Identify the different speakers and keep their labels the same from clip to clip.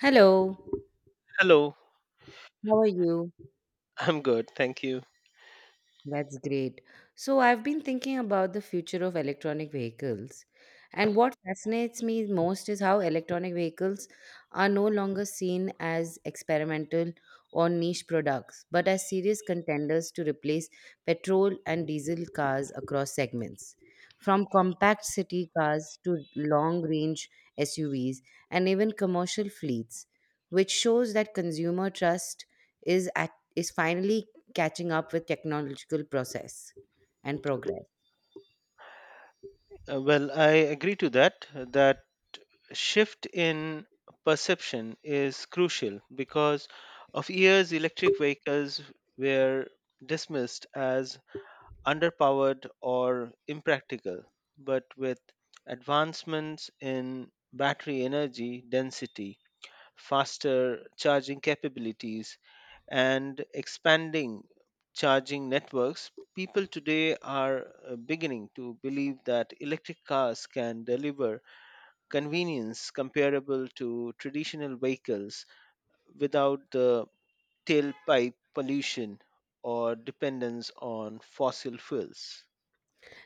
Speaker 1: Hello,
Speaker 2: Hello,
Speaker 1: how are you?
Speaker 2: I'm good, thank you.
Speaker 1: That's great. So, I've been thinking about the future of electronic vehicles, and what fascinates me most is how electronic vehicles are no longer seen as experimental or niche products, but as serious contenders to replace petrol and diesel cars across segments. From compact city cars to long range SUVs and even commercial fleets, which shows that consumer trust is finally catching up with technological process and progress.
Speaker 2: I agree to that shift in perception is crucial because of years electric vehicles were dismissed as underpowered or impractical, but with advancements in battery energy density faster charging capabilities, and expanding charging networks, people today are beginning to believe that electric cars can deliver convenience comparable to traditional vehicles without the tailpipe pollution or dependence on fossil fuels.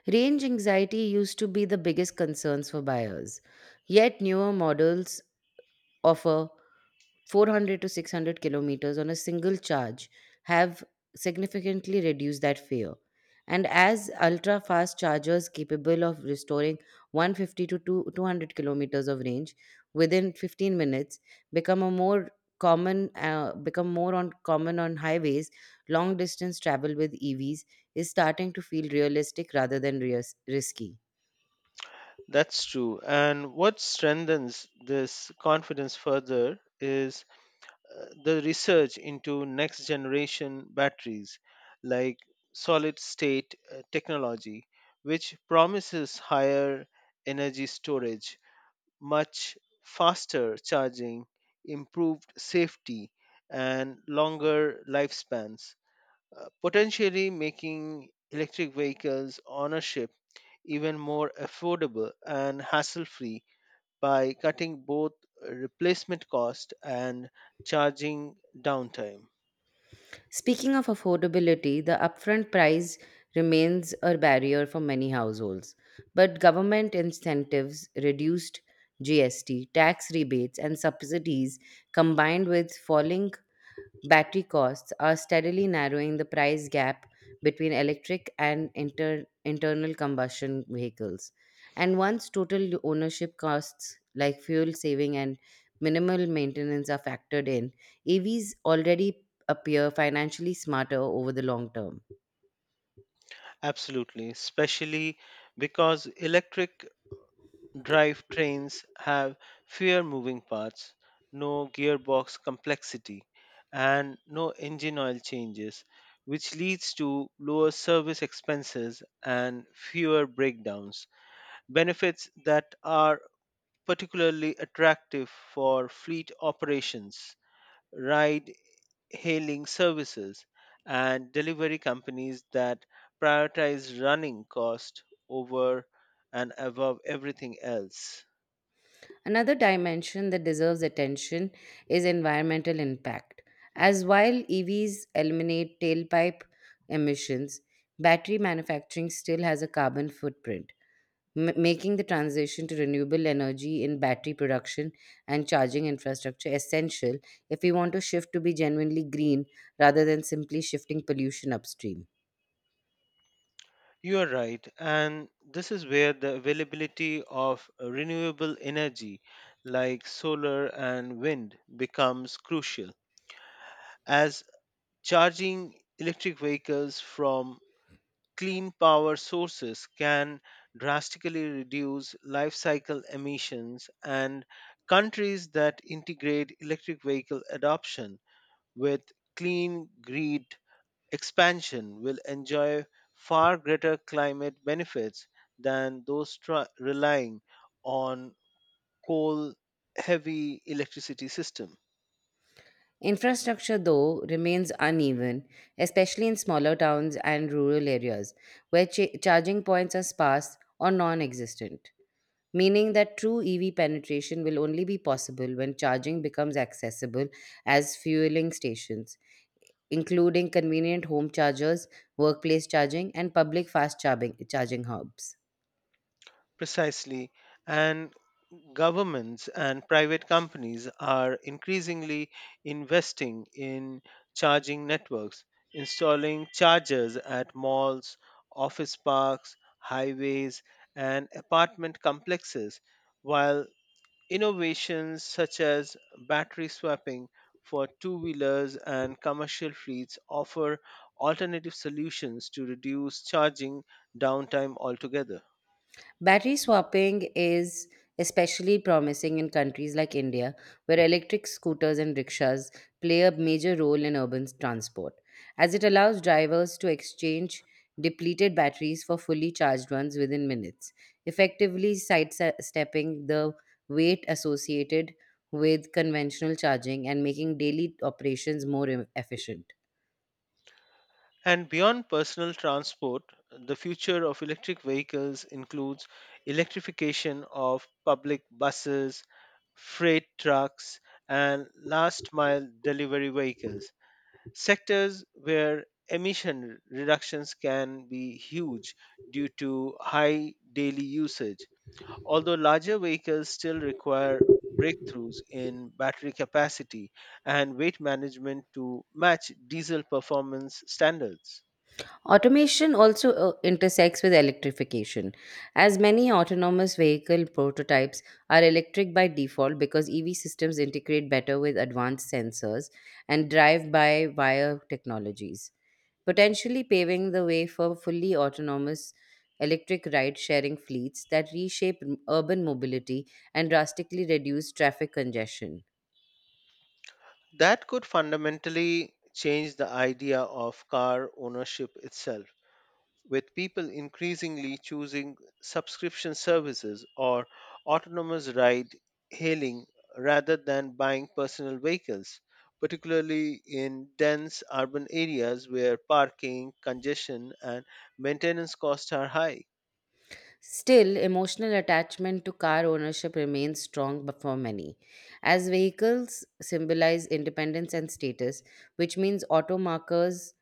Speaker 1: Range anxiety used to be the biggest concerns for buyers, yet newer models offer 400 to 600 kilometers on a single charge have significantly reduced that fear. And as ultra fast chargers capable of restoring 150 to 2 200 kilometers of range within 15 minutes become a more become more on common on highways, long distance travel with EVs is starting to feel realistic rather than risky.
Speaker 2: That's true. And what strengthens this confidence further is the research into next generation batteries like solid state technology, which promises higher energy storage, much faster charging, improved safety, and longer lifespans, potentially making electric vehicles ownership even more affordable and hassle free by cutting both replacement cost and charging downtime.
Speaker 1: Speaking of affordability, the upfront price remains a barrier for many households, but government incentives, reduced GST, tax rebates, and subsidies combined with falling battery costs are steadily narrowing the price gap between electric and internal combustion vehicles. And once total ownership costs like fuel saving and minimal maintenance are factored in, EVs already appear financially smarter over the long term.
Speaker 2: Absolutely, especially because electric drive trains have fewer moving parts, no gearbox complexity, and no engine oil changes, which leads to lower service expenses and fewer breakdowns. Benefits that are particularly attractive for fleet operations, ride hailing services, and delivery companies that prioritize running cost over and above everything else.
Speaker 1: Another dimension that deserves attention is environmental impact. As while EVs eliminate tailpipe emissions, battery manufacturing still has a carbon footprint making the transition to renewable energy in battery production and charging infrastructure essential if we want to shift to be genuinely green rather than simply shifting pollution upstream.
Speaker 2: You are right, and this is where the availability of renewable energy like solar and wind becomes crucial, as charging electric vehicles from clean power sources can drastically reduce life cycle emissions and countries that integrate electric vehicle adoption with clean grid expansion will enjoy far greater climate benefits than those relying on coal heavy electricity system.
Speaker 1: Infrastructure, though, remains uneven, especially in smaller towns and rural areas where charging points are sparse or non existent, meaning that true EV penetration will only be possible when charging becomes accessible as fueling stations including convenient home chargers, workplace charging, and public fast charging hubs.
Speaker 2: Precisely, and governments and private companies are increasingly investing in charging networks, installing chargers at malls, office parks, highways, and apartment complexes, while innovations such as battery swapping for two wheelers and commercial fleets offer alternative solutions to reduce charging downtime altogether.
Speaker 1: Battery swapping is especially promising in countries like India, where electric scooters and rickshaws play a major role in urban transport, as it allows drivers to exchange depleted batteries for fully charged ones within minutes, effectively sidestepping the weight associated with conventional charging and making daily operations more efficient.
Speaker 2: And beyond personal transport, the future of electric vehicles includes electrification of public buses, freight trucks, and last mile delivery vehicles, sectors where emission reductions can be huge due to high daily usage. Although larger vehicles still require breakthroughs in battery capacity and weight management to match diesel performance standards.
Speaker 1: Automation also intersects with electrification, as many autonomous vehicle prototypes are electric by default because EV systems integrate better with advanced sensors and drive by wire technologies, potentially paving the way for fully autonomous electric ride sharing fleets that reshape urban mobility and drastically reduce traffic congestion.
Speaker 2: That could fundamentally change the idea of car ownership itself, with people increasingly choosing subscription services or autonomous ride hailing rather than buying personal vehicles, particularly in dense urban areas where parking, congestion, and maintenance costs are high.
Speaker 1: Still, emotional attachment to car ownership remains strong for many, as vehicles symbolize independence and status, which means automakers,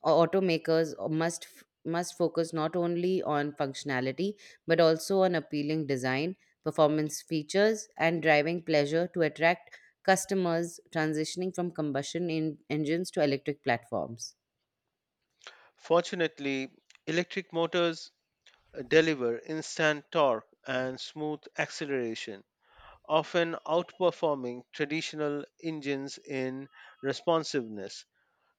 Speaker 1: or automakers must focus not only on functionality but also on appealing design, performance features, and driving pleasure to attract customers transitioning from combustion engines to electric platforms.
Speaker 2: Fortunately, electric motors deliver instant torque and smooth acceleration often outperforming traditional engines in responsiveness.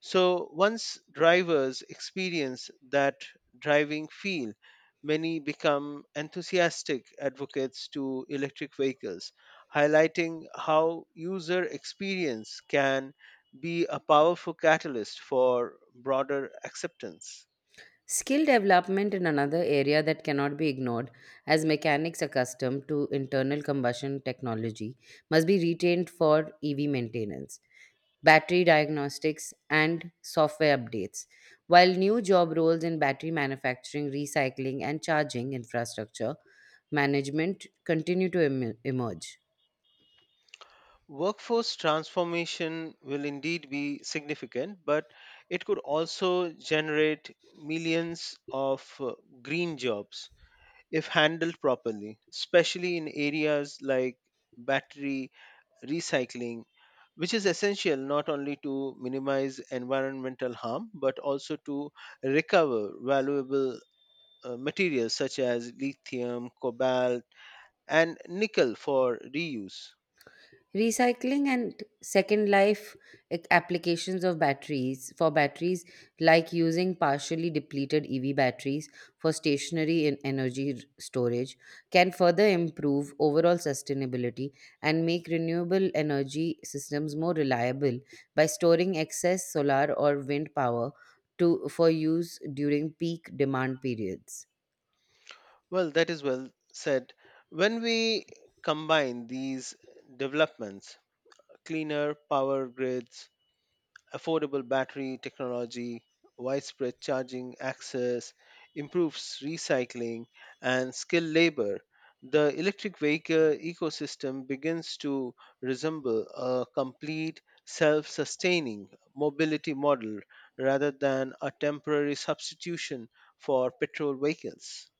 Speaker 2: So, once drivers experience that driving feel, many become enthusiastic advocates to electric vehicles, highlighting how user experience can be a powerful catalyst for broader acceptance.
Speaker 1: Skill development in another area that cannot be ignored, as mechanics accustomed to internal combustion technology must be retained for EV maintenance, battery diagnostics, and software updates. While new job roles in battery manufacturing, recycling, and charging infrastructure management continue to emerge.
Speaker 2: Workforce transformation will indeed be significant, but it could also generate millions of green jobs if handled properly, especially in areas like battery recycling, which is essential not only to minimize environmental harm but also to recover valuable materials such as lithium, cobalt, and nickel for reuse.
Speaker 1: Recycling and second life applications of batteries for batteries, like using partially depleted EV batteries for stationary and energy storage, can further improve overall sustainability and make renewable energy systems more reliable by storing excess solar or wind power for use during peak demand periods.
Speaker 2: Well, that is well said. When we combine these developments, cleaner power grids, affordable battery technology, widespread charging access, improved recycling, and skilled labor, the electric vehicle ecosystem begins to resemble a complete self sustaining mobility model rather than a temporary substitution for petrol vehicles.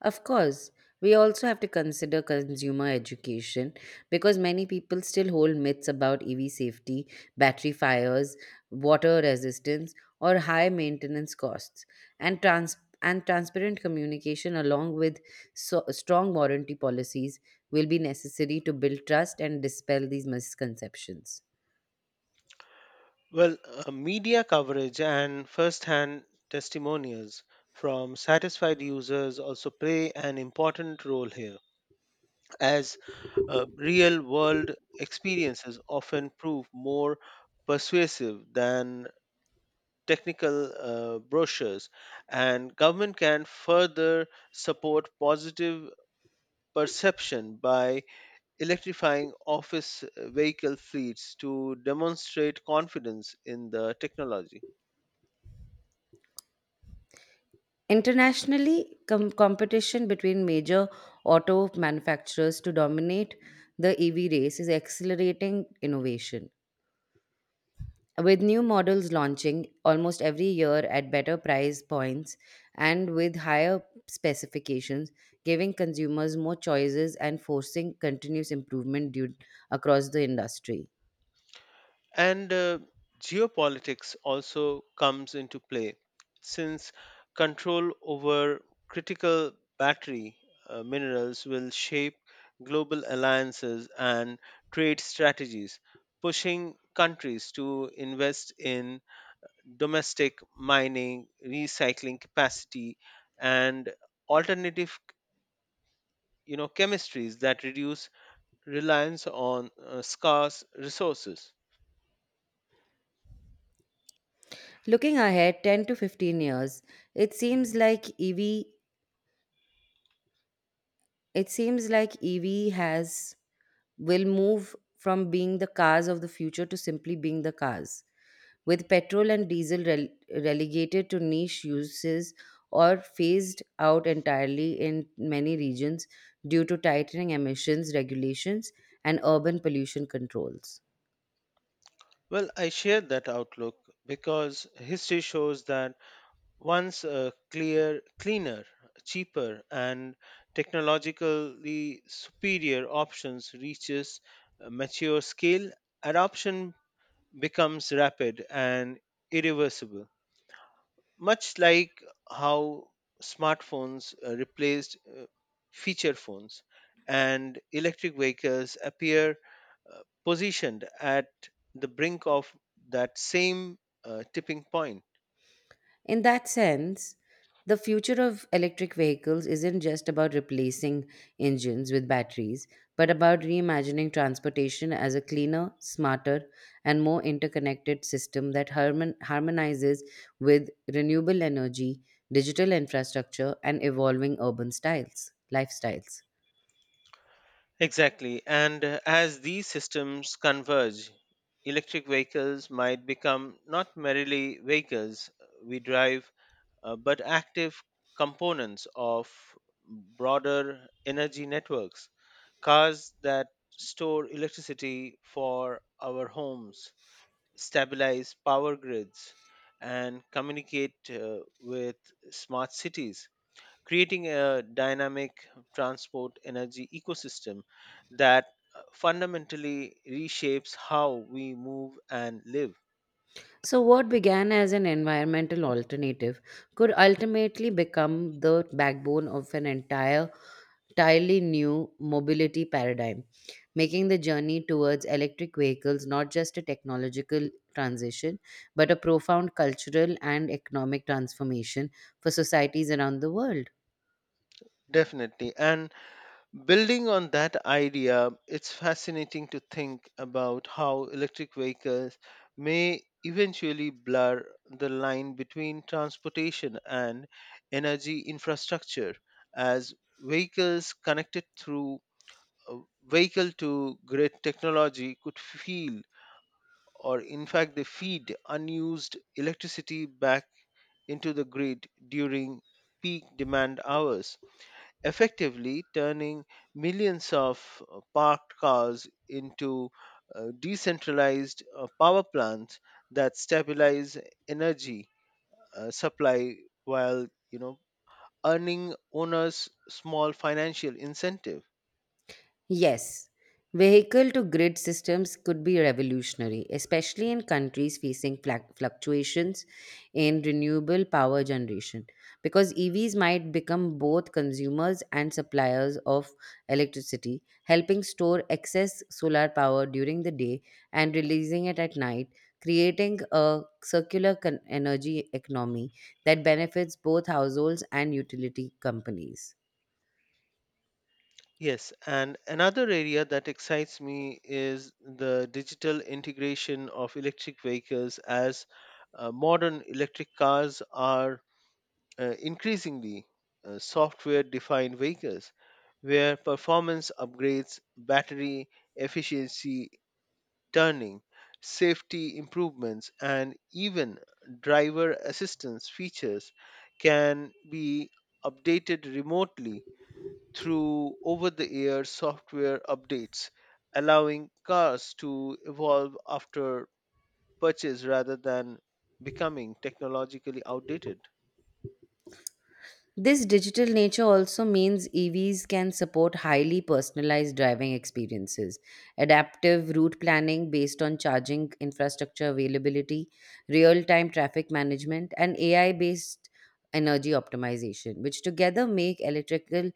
Speaker 1: Of course, we also have to consider consumer education because many people still hold myths about EV safety, battery fires, water resistance, or high maintenance costs. And trans and transparent communication along with strong warranty policies will be necessary to build trust and dispel these misconceptions.
Speaker 2: Well, Media coverage and first hand testimonials from satisfied users also play an important role here, as real world experiences often prove more persuasive than technical brochures, and government can further support positive perception by electrifying office vehicle fleets to demonstrate confidence in the technology.
Speaker 1: Internationally, competition between major auto manufacturers to dominate the EV race is accelerating innovation. With new models launching almost every year at better price points and with higher specifications, giving consumers more choices and forcing continuous improvement across the industry.
Speaker 2: And Geopolitics also comes into play since control over critical battery minerals will shape global alliances and trade strategies, pushing countries to invest in domestic mining, recycling capacity, and alternative you know chemistries that reduce reliance on scarce resources.
Speaker 1: Looking ahead 10 to 15 years, it seems like EV it seems like EV has will move from being the cars of the future to simply being the cars, with petrol and diesel relegated to niche uses or phased out entirely in many regions due to tightening emissions regulations and urban pollution controls.
Speaker 2: Well, I share that outlook because history shows that once a clear, cleaner, cheaper, and technologically superior options reaches a mature scale, adoption becomes rapid and irreversible much like how smartphones replaced feature phones and electric vehicles appear positioned at the brink of that same tipping point.
Speaker 1: In that sense, the future of electric vehicles isn't just about replacing engines with batteries, but about reimagining transportation as a cleaner, smarter, and more interconnected system that harmonizes with renewable energy, digital infrastructure, and evolving lifestyles.
Speaker 2: Exactly, and as these systems converge electric vehicles might become not merely vehicles we drive but active components of broader energy networks, cars that store electricity for our homes, stabilize power grids, and communicate with smart cities, creating a dynamic transport energy ecosystem that fundamentally reshapes how we move and live.
Speaker 1: So, what began as an environmental alternative could ultimately become the backbone of an entire entirely new mobility paradigm, making the journey towards electric vehicles not just a technological transition, but a profound cultural and economic transformation for societies around the world.
Speaker 2: Definitely. And building on that idea, it's fascinating to think about how electric vehicles may eventually blur the line between transportation and energy infrastructure as vehicles connected through vehicle to grid technology could feel or in fact they feed unused electricity back into the grid during peak demand hours effectively turning millions of parked cars into decentralized power plants that stabilize energy supply while you know earning owners small financial incentive.
Speaker 1: Yes, vehicle to grid systems could be revolutionary, especially in countries facing fluctuations in renewable power generation, because EVs might become both consumers and suppliers of electricity, helping store excess solar power during the day and releasing it at night, creating a circular energy economy that benefits both households and utility companies.
Speaker 2: Yes, and another area that excites me is the digital integration of electric vehicles as modern electric cars are increasingly software defined vehicles where performance upgrades, battery efficiency, turning, safety improvements, and even driver assistance features can be updated remotely through over the air software updates, allowing cars to evolve after purchase rather than becoming technologically outdated.
Speaker 1: This digital nature also means EVs can support highly personalized driving experiences, adaptive route planning based on charging infrastructure availability, real time traffic management, and AI based energy optimization, which together make electrical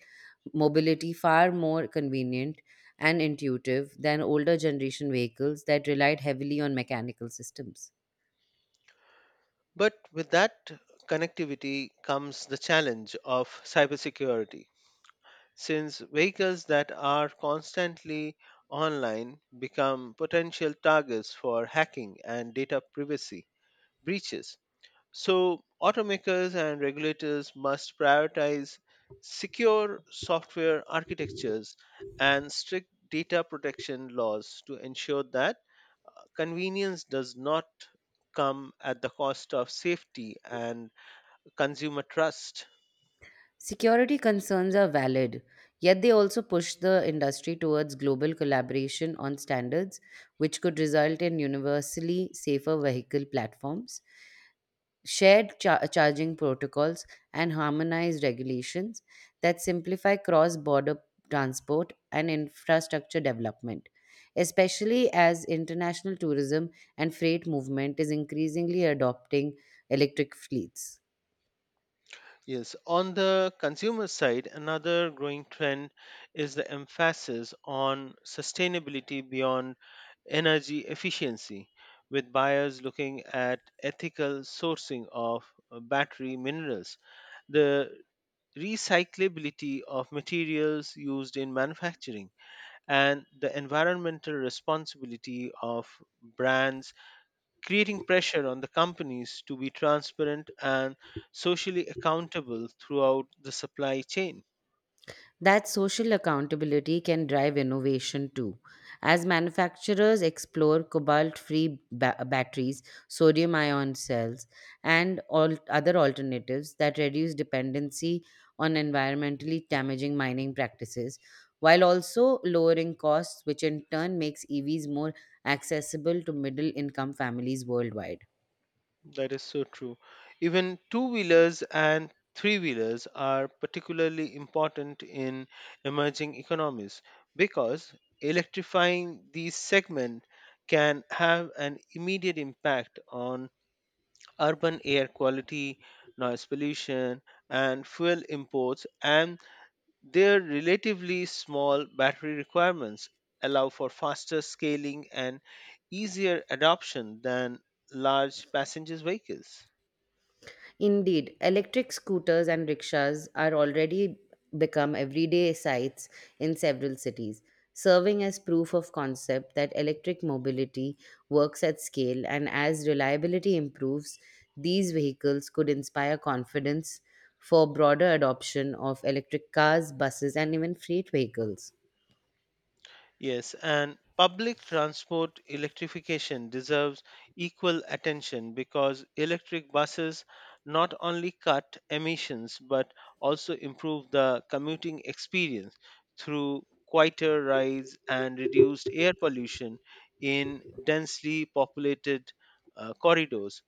Speaker 1: mobility far more convenient and intuitive than older generation vehicles that relied heavily on mechanical systems.
Speaker 2: But with that connectivity comes the challenge of cybersecurity since vehicles that are constantly online become potential targets for hacking and data privacy breaches. So, automakers and regulators must prioritize secure software architectures and strict data protection laws to ensure that convenience does not come at the cost of safety and consumer trust.
Speaker 1: Security concerns are valid, yet they also push the industry towards global collaboration on standards, which could result in universally safer vehicle platforms, shared charging protocols, and harmonized regulations that simplify cross border transport and infrastructure development, especially as international tourism and freight movement is increasingly adopting electric fleets.
Speaker 2: Yes, on the consumer side, another growing trend is the emphasis on sustainability beyond energy efficiency, with buyers looking at ethical sourcing of battery minerals, the recyclability of materials used in manufacturing, and the environmental responsibility of brands creating pressure on the companies to be transparent and socially accountable throughout the supply chain.
Speaker 1: That social accountability can drive innovation too. As manufacturers explore cobalt free batteries, sodium ion cells, and all other alternatives that reduce dependency on environmentally damaging mining practices, while also lowering costs, which in turn makes EVs more accessible to middle income families worldwide.
Speaker 2: That is so true. Even two wheelers and three wheelers are particularly important in emerging economies because electrifying these segments can have an immediate impact on urban air quality, noise pollution, and fuel imports and their relatively small battery requirements allow for faster scaling and easier adoption than large passenger vehicles.
Speaker 1: Indeed, electric scooters and rickshaws are already become everyday sights in several cities, serving as proof of concept that electric mobility works at scale and as reliability improves, these vehicles could inspire confidence for broader adoption of electric cars, buses and even freight vehicles.
Speaker 2: Yes, and public transport electrification deserves equal attention because electric buses not only cut emissions but also improve the commuting experience through quieter rides and reduced air pollution in densely populated corridors,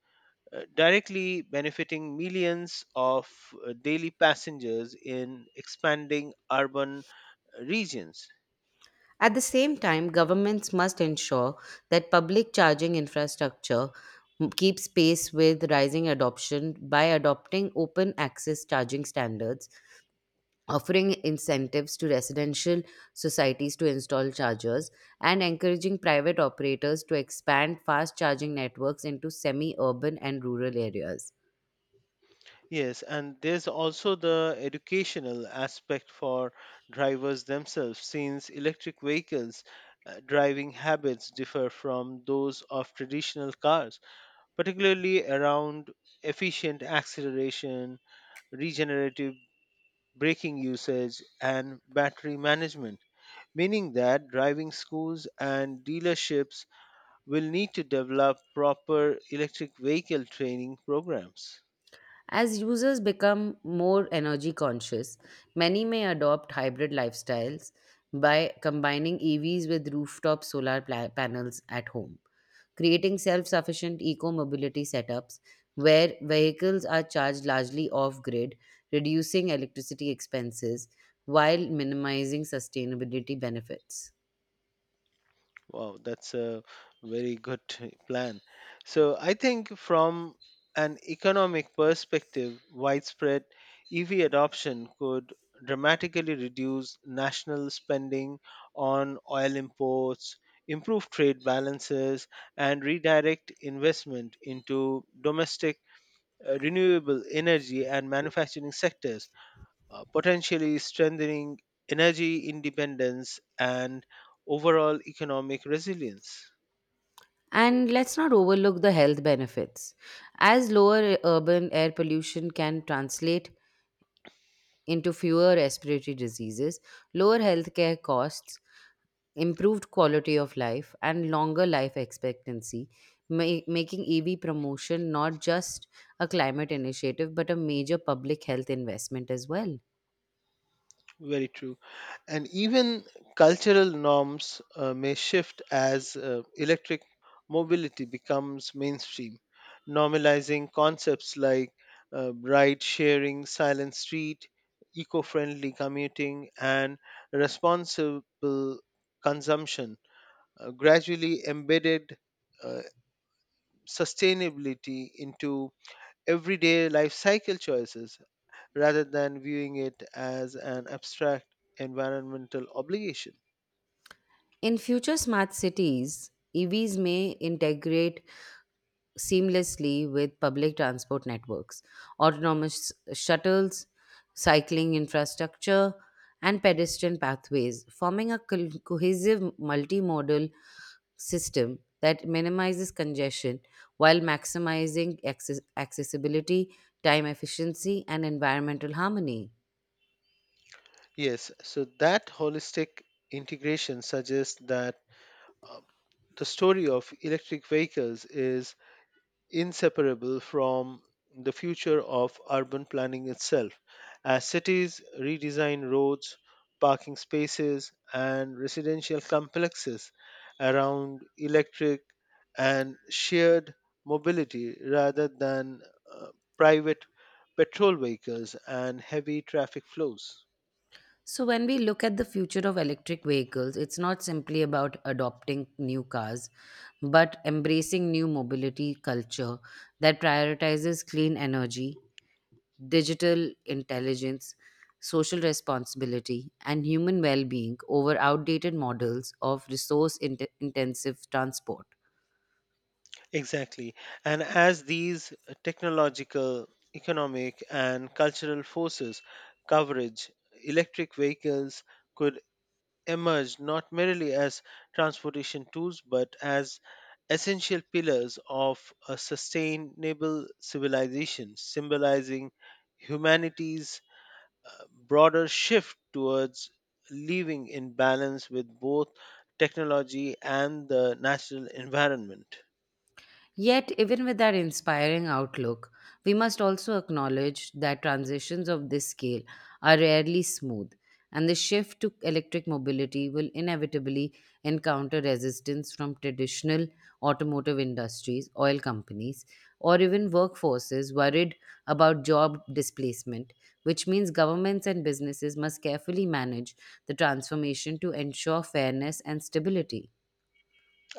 Speaker 2: directly benefiting millions of daily passengers in expanding urban regions.
Speaker 1: At the same time, governments must ensure that public charging infrastructure keeps pace with rising adoption by adopting open access charging standards, offering incentives to residential societies to install chargers, and encouraging private operators to expand fast charging networks into semi urban and rural areas.
Speaker 2: Yes, and there's also the educational aspect for drivers themselves, since electric vehicles' driving habits differ from those of traditional cars, particularly around efficient acceleration, regenerative braking usage, and battery management. Meaning that driving schools and dealerships will need to develop proper electric vehicle training programs.
Speaker 1: As users become more energy conscious, many may adopt hybrid lifestyles by combining EVs with rooftop solar panels at home, creating self sufficient eco mobility setups where vehicles are charged largely off grid, reducing electricity expenses while minimizing sustainability benefits.
Speaker 2: Wow, that's a very good plan. So I think from an economic perspective, widespread EV adoption could dramatically reduce national spending on oil imports, improve trade balances, and redirect investment into domestic renewable energy and manufacturing sectors potentially strengthening energy independence and overall economic resilience.
Speaker 1: And let's not overlook the health benefits, as lower urban air pollution can translate into fewer respiratory diseases, lower healthcare costs, improved quality of life, and longer life expectancy, making EV promotion not just a climate initiative but a major public health investment as well.
Speaker 2: Very true. And even cultural norms may shift as electric mobility becomes mainstream, normalizing concepts like ride sharing, silent street, eco friendly commuting, and responsible consumption, gradually embedded. uh, Sustainability into everyday life cycle choices rather than viewing it as an abstract environmental obligation.
Speaker 1: In future smart cities, EVs may integrate seamlessly with public transport networks, autonomous shuttles, cycling infrastructure, and pedestrian pathways, forming a cohesive multimodal system that minimizes congestion while maximizing accessibility, time efficiency, and environmental harmony.
Speaker 2: Yes, so that holistic integration suggests that uh, the story of electric vehicles is inseparable from the future of urban planning itself as cities redesign roads, parking spaces, and residential complexes around electric and shared mobility rather than uh, private petrol vehicles and heavy traffic flows.
Speaker 1: So, when we look at the future of electric vehicles, it's not simply about adopting new cars, but embracing new mobility culture that prioritizes clean energy, digital intelligence, social responsibility, and human well being over outdated models of resource intensive transport.
Speaker 2: Exactly. And as these technological, economic, and cultural forces coverage, electric vehicles could emerge not merely as transportation tools but as essential pillars of a sustainable civilization, symbolizing humanity's broader shift towards living in balance with both technology and the natural environment.
Speaker 1: Yet, even with that inspiring outlook, we must also acknowledge that transitions of this scale are rarely smooth, and the shift to electric mobility will inevitably encounter resistance from traditional automotive industries, oil companies, or even workforces worried about job displacement, which means governments and businesses must carefully manage the transformation to ensure fairness and stability.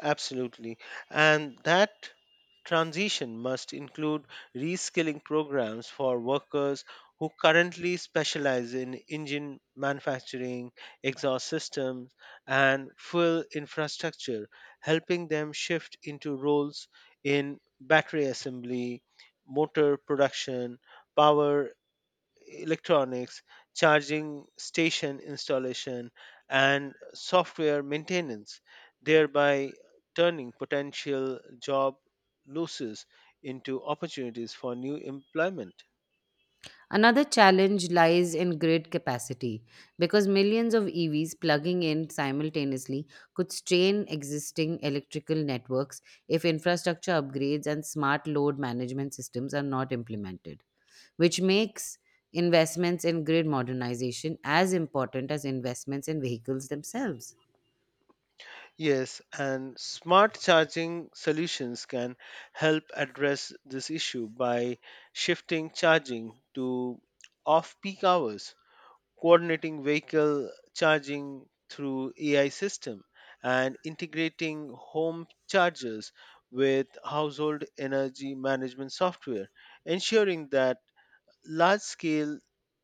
Speaker 2: Absolutely. And that transition must include reskilling programs for workers who currently specialize in engine manufacturing, exhaust systems, and fuel infrastructure, helping them shift into roles in battery assembly, motor production, power electronics, charging station installation, and software maintenance, thereby turning potential job losses into opportunities for new employment.
Speaker 1: Another challenge lies in grid capacity because millions of EVs plugging in simultaneously could strain existing electrical networks if infrastructure upgrades and smart load management systems are not implemented, which makes investments in grid modernization as important as investments in vehicles themselves.
Speaker 2: Yes, and smart charging solutions can help address this issue by shifting charging to off peak hours coordinating vehicle charging through AI system and integrating home chargers with household energy management software, ensuring that large scale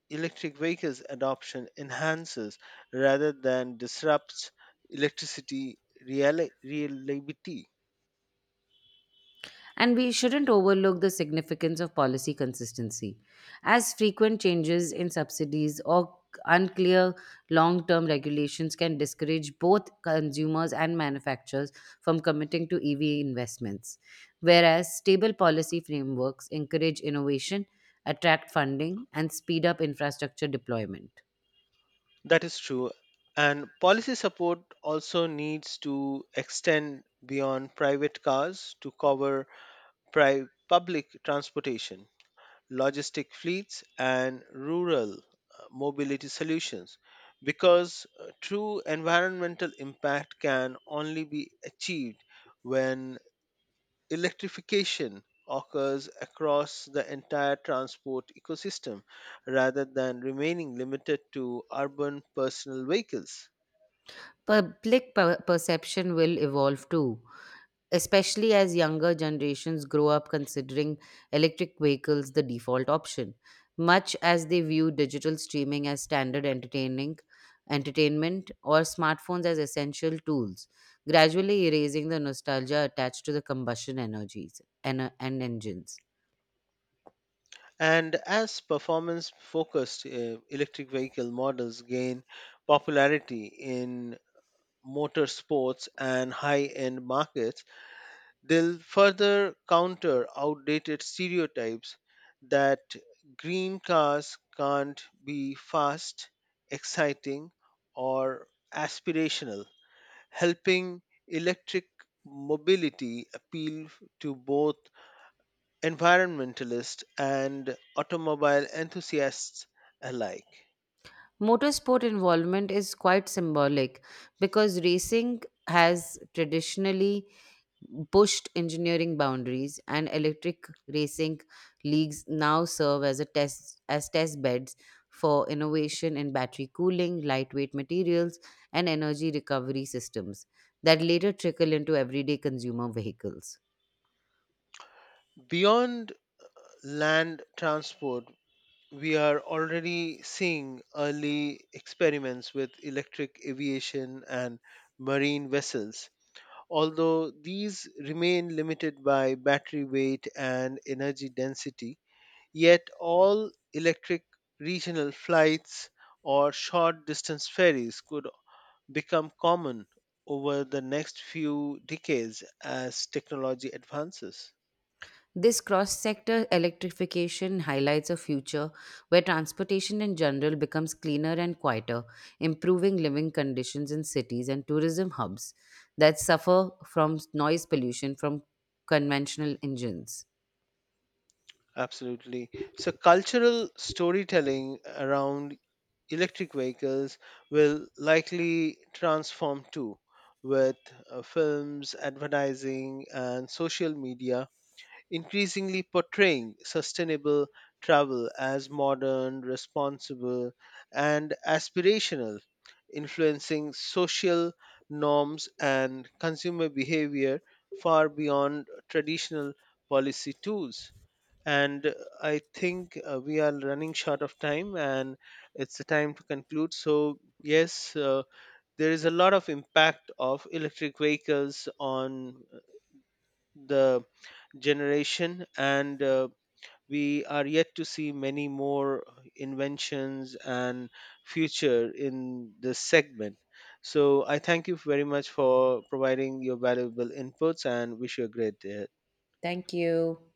Speaker 2: electric vehicles adoption enhances rather than disrupts electricity reliability.
Speaker 1: And we shouldn't overlook the significance of policy consistency, as frequent changes in subsidies or unclear long term regulations can discourage both consumers and manufacturers from committing to EV investments. Whereas stable policy frameworks encourage innovation, attract funding, and speed up infrastructure deployment.
Speaker 2: That is true. And policy support also needs to extend beyond private cars to cover public transportation, logistic fleets, and rural mobility solutions because true environmental impact can only be achieved when electrification occurs across the entire transport ecosystem rather than remaining limited to urban personal vehicles.
Speaker 1: Public perception will evolve too, especially as younger generations grow up considering electric vehicles the default option, much as they view digital streaming as standard entertaining entertainment or smartphones as essential tools, gradually erasing the nostalgia attached to the combustion energies and engines.
Speaker 2: And as performance focused electric vehicle models gain popularity in motorsports and high end markets, they'll further counter outdated stereotypes that green cars can't be fast, exciting, or aspirational, helping electric mobility appeal to both environmentalists and automobile enthusiasts alike.
Speaker 1: Motorsport involvement is quite symbolic because racing has traditionally pushed engineering boundaries and electric racing leagues now serve as a test beds for innovation in battery cooling lightweight materials and energy recovery systems that later trickle into everyday consumer vehicles.
Speaker 2: Beyond land transport, we are already seeing early experiments with electric aviation and marine vessels, although these remain limited by battery weight and energy density. Yet, all electric regional flights or short distance ferries could become common over the next few decades as technology advances.
Speaker 1: This cross sector electrification highlights a future where transportation in general becomes cleaner and quieter, improving living conditions in cities and tourism hubs that suffer from noise pollution from conventional engines.
Speaker 2: Absolutely. So, cultural storytelling around electric vehicles will likely transform too, with films, advertising, and social media increasingly portraying sustainable travel as modern, responsible, and aspirational, influencing social norms and consumer behavior far beyond traditional policy tools and I think we are running short of time and it's the time to conclude so yes, there is a lot of impact of electric vehicles on the generation and we are yet to see many more inventions and future in this segment so I thank you very much for providing your valuable inputs and wish you a great day.
Speaker 1: Thank you.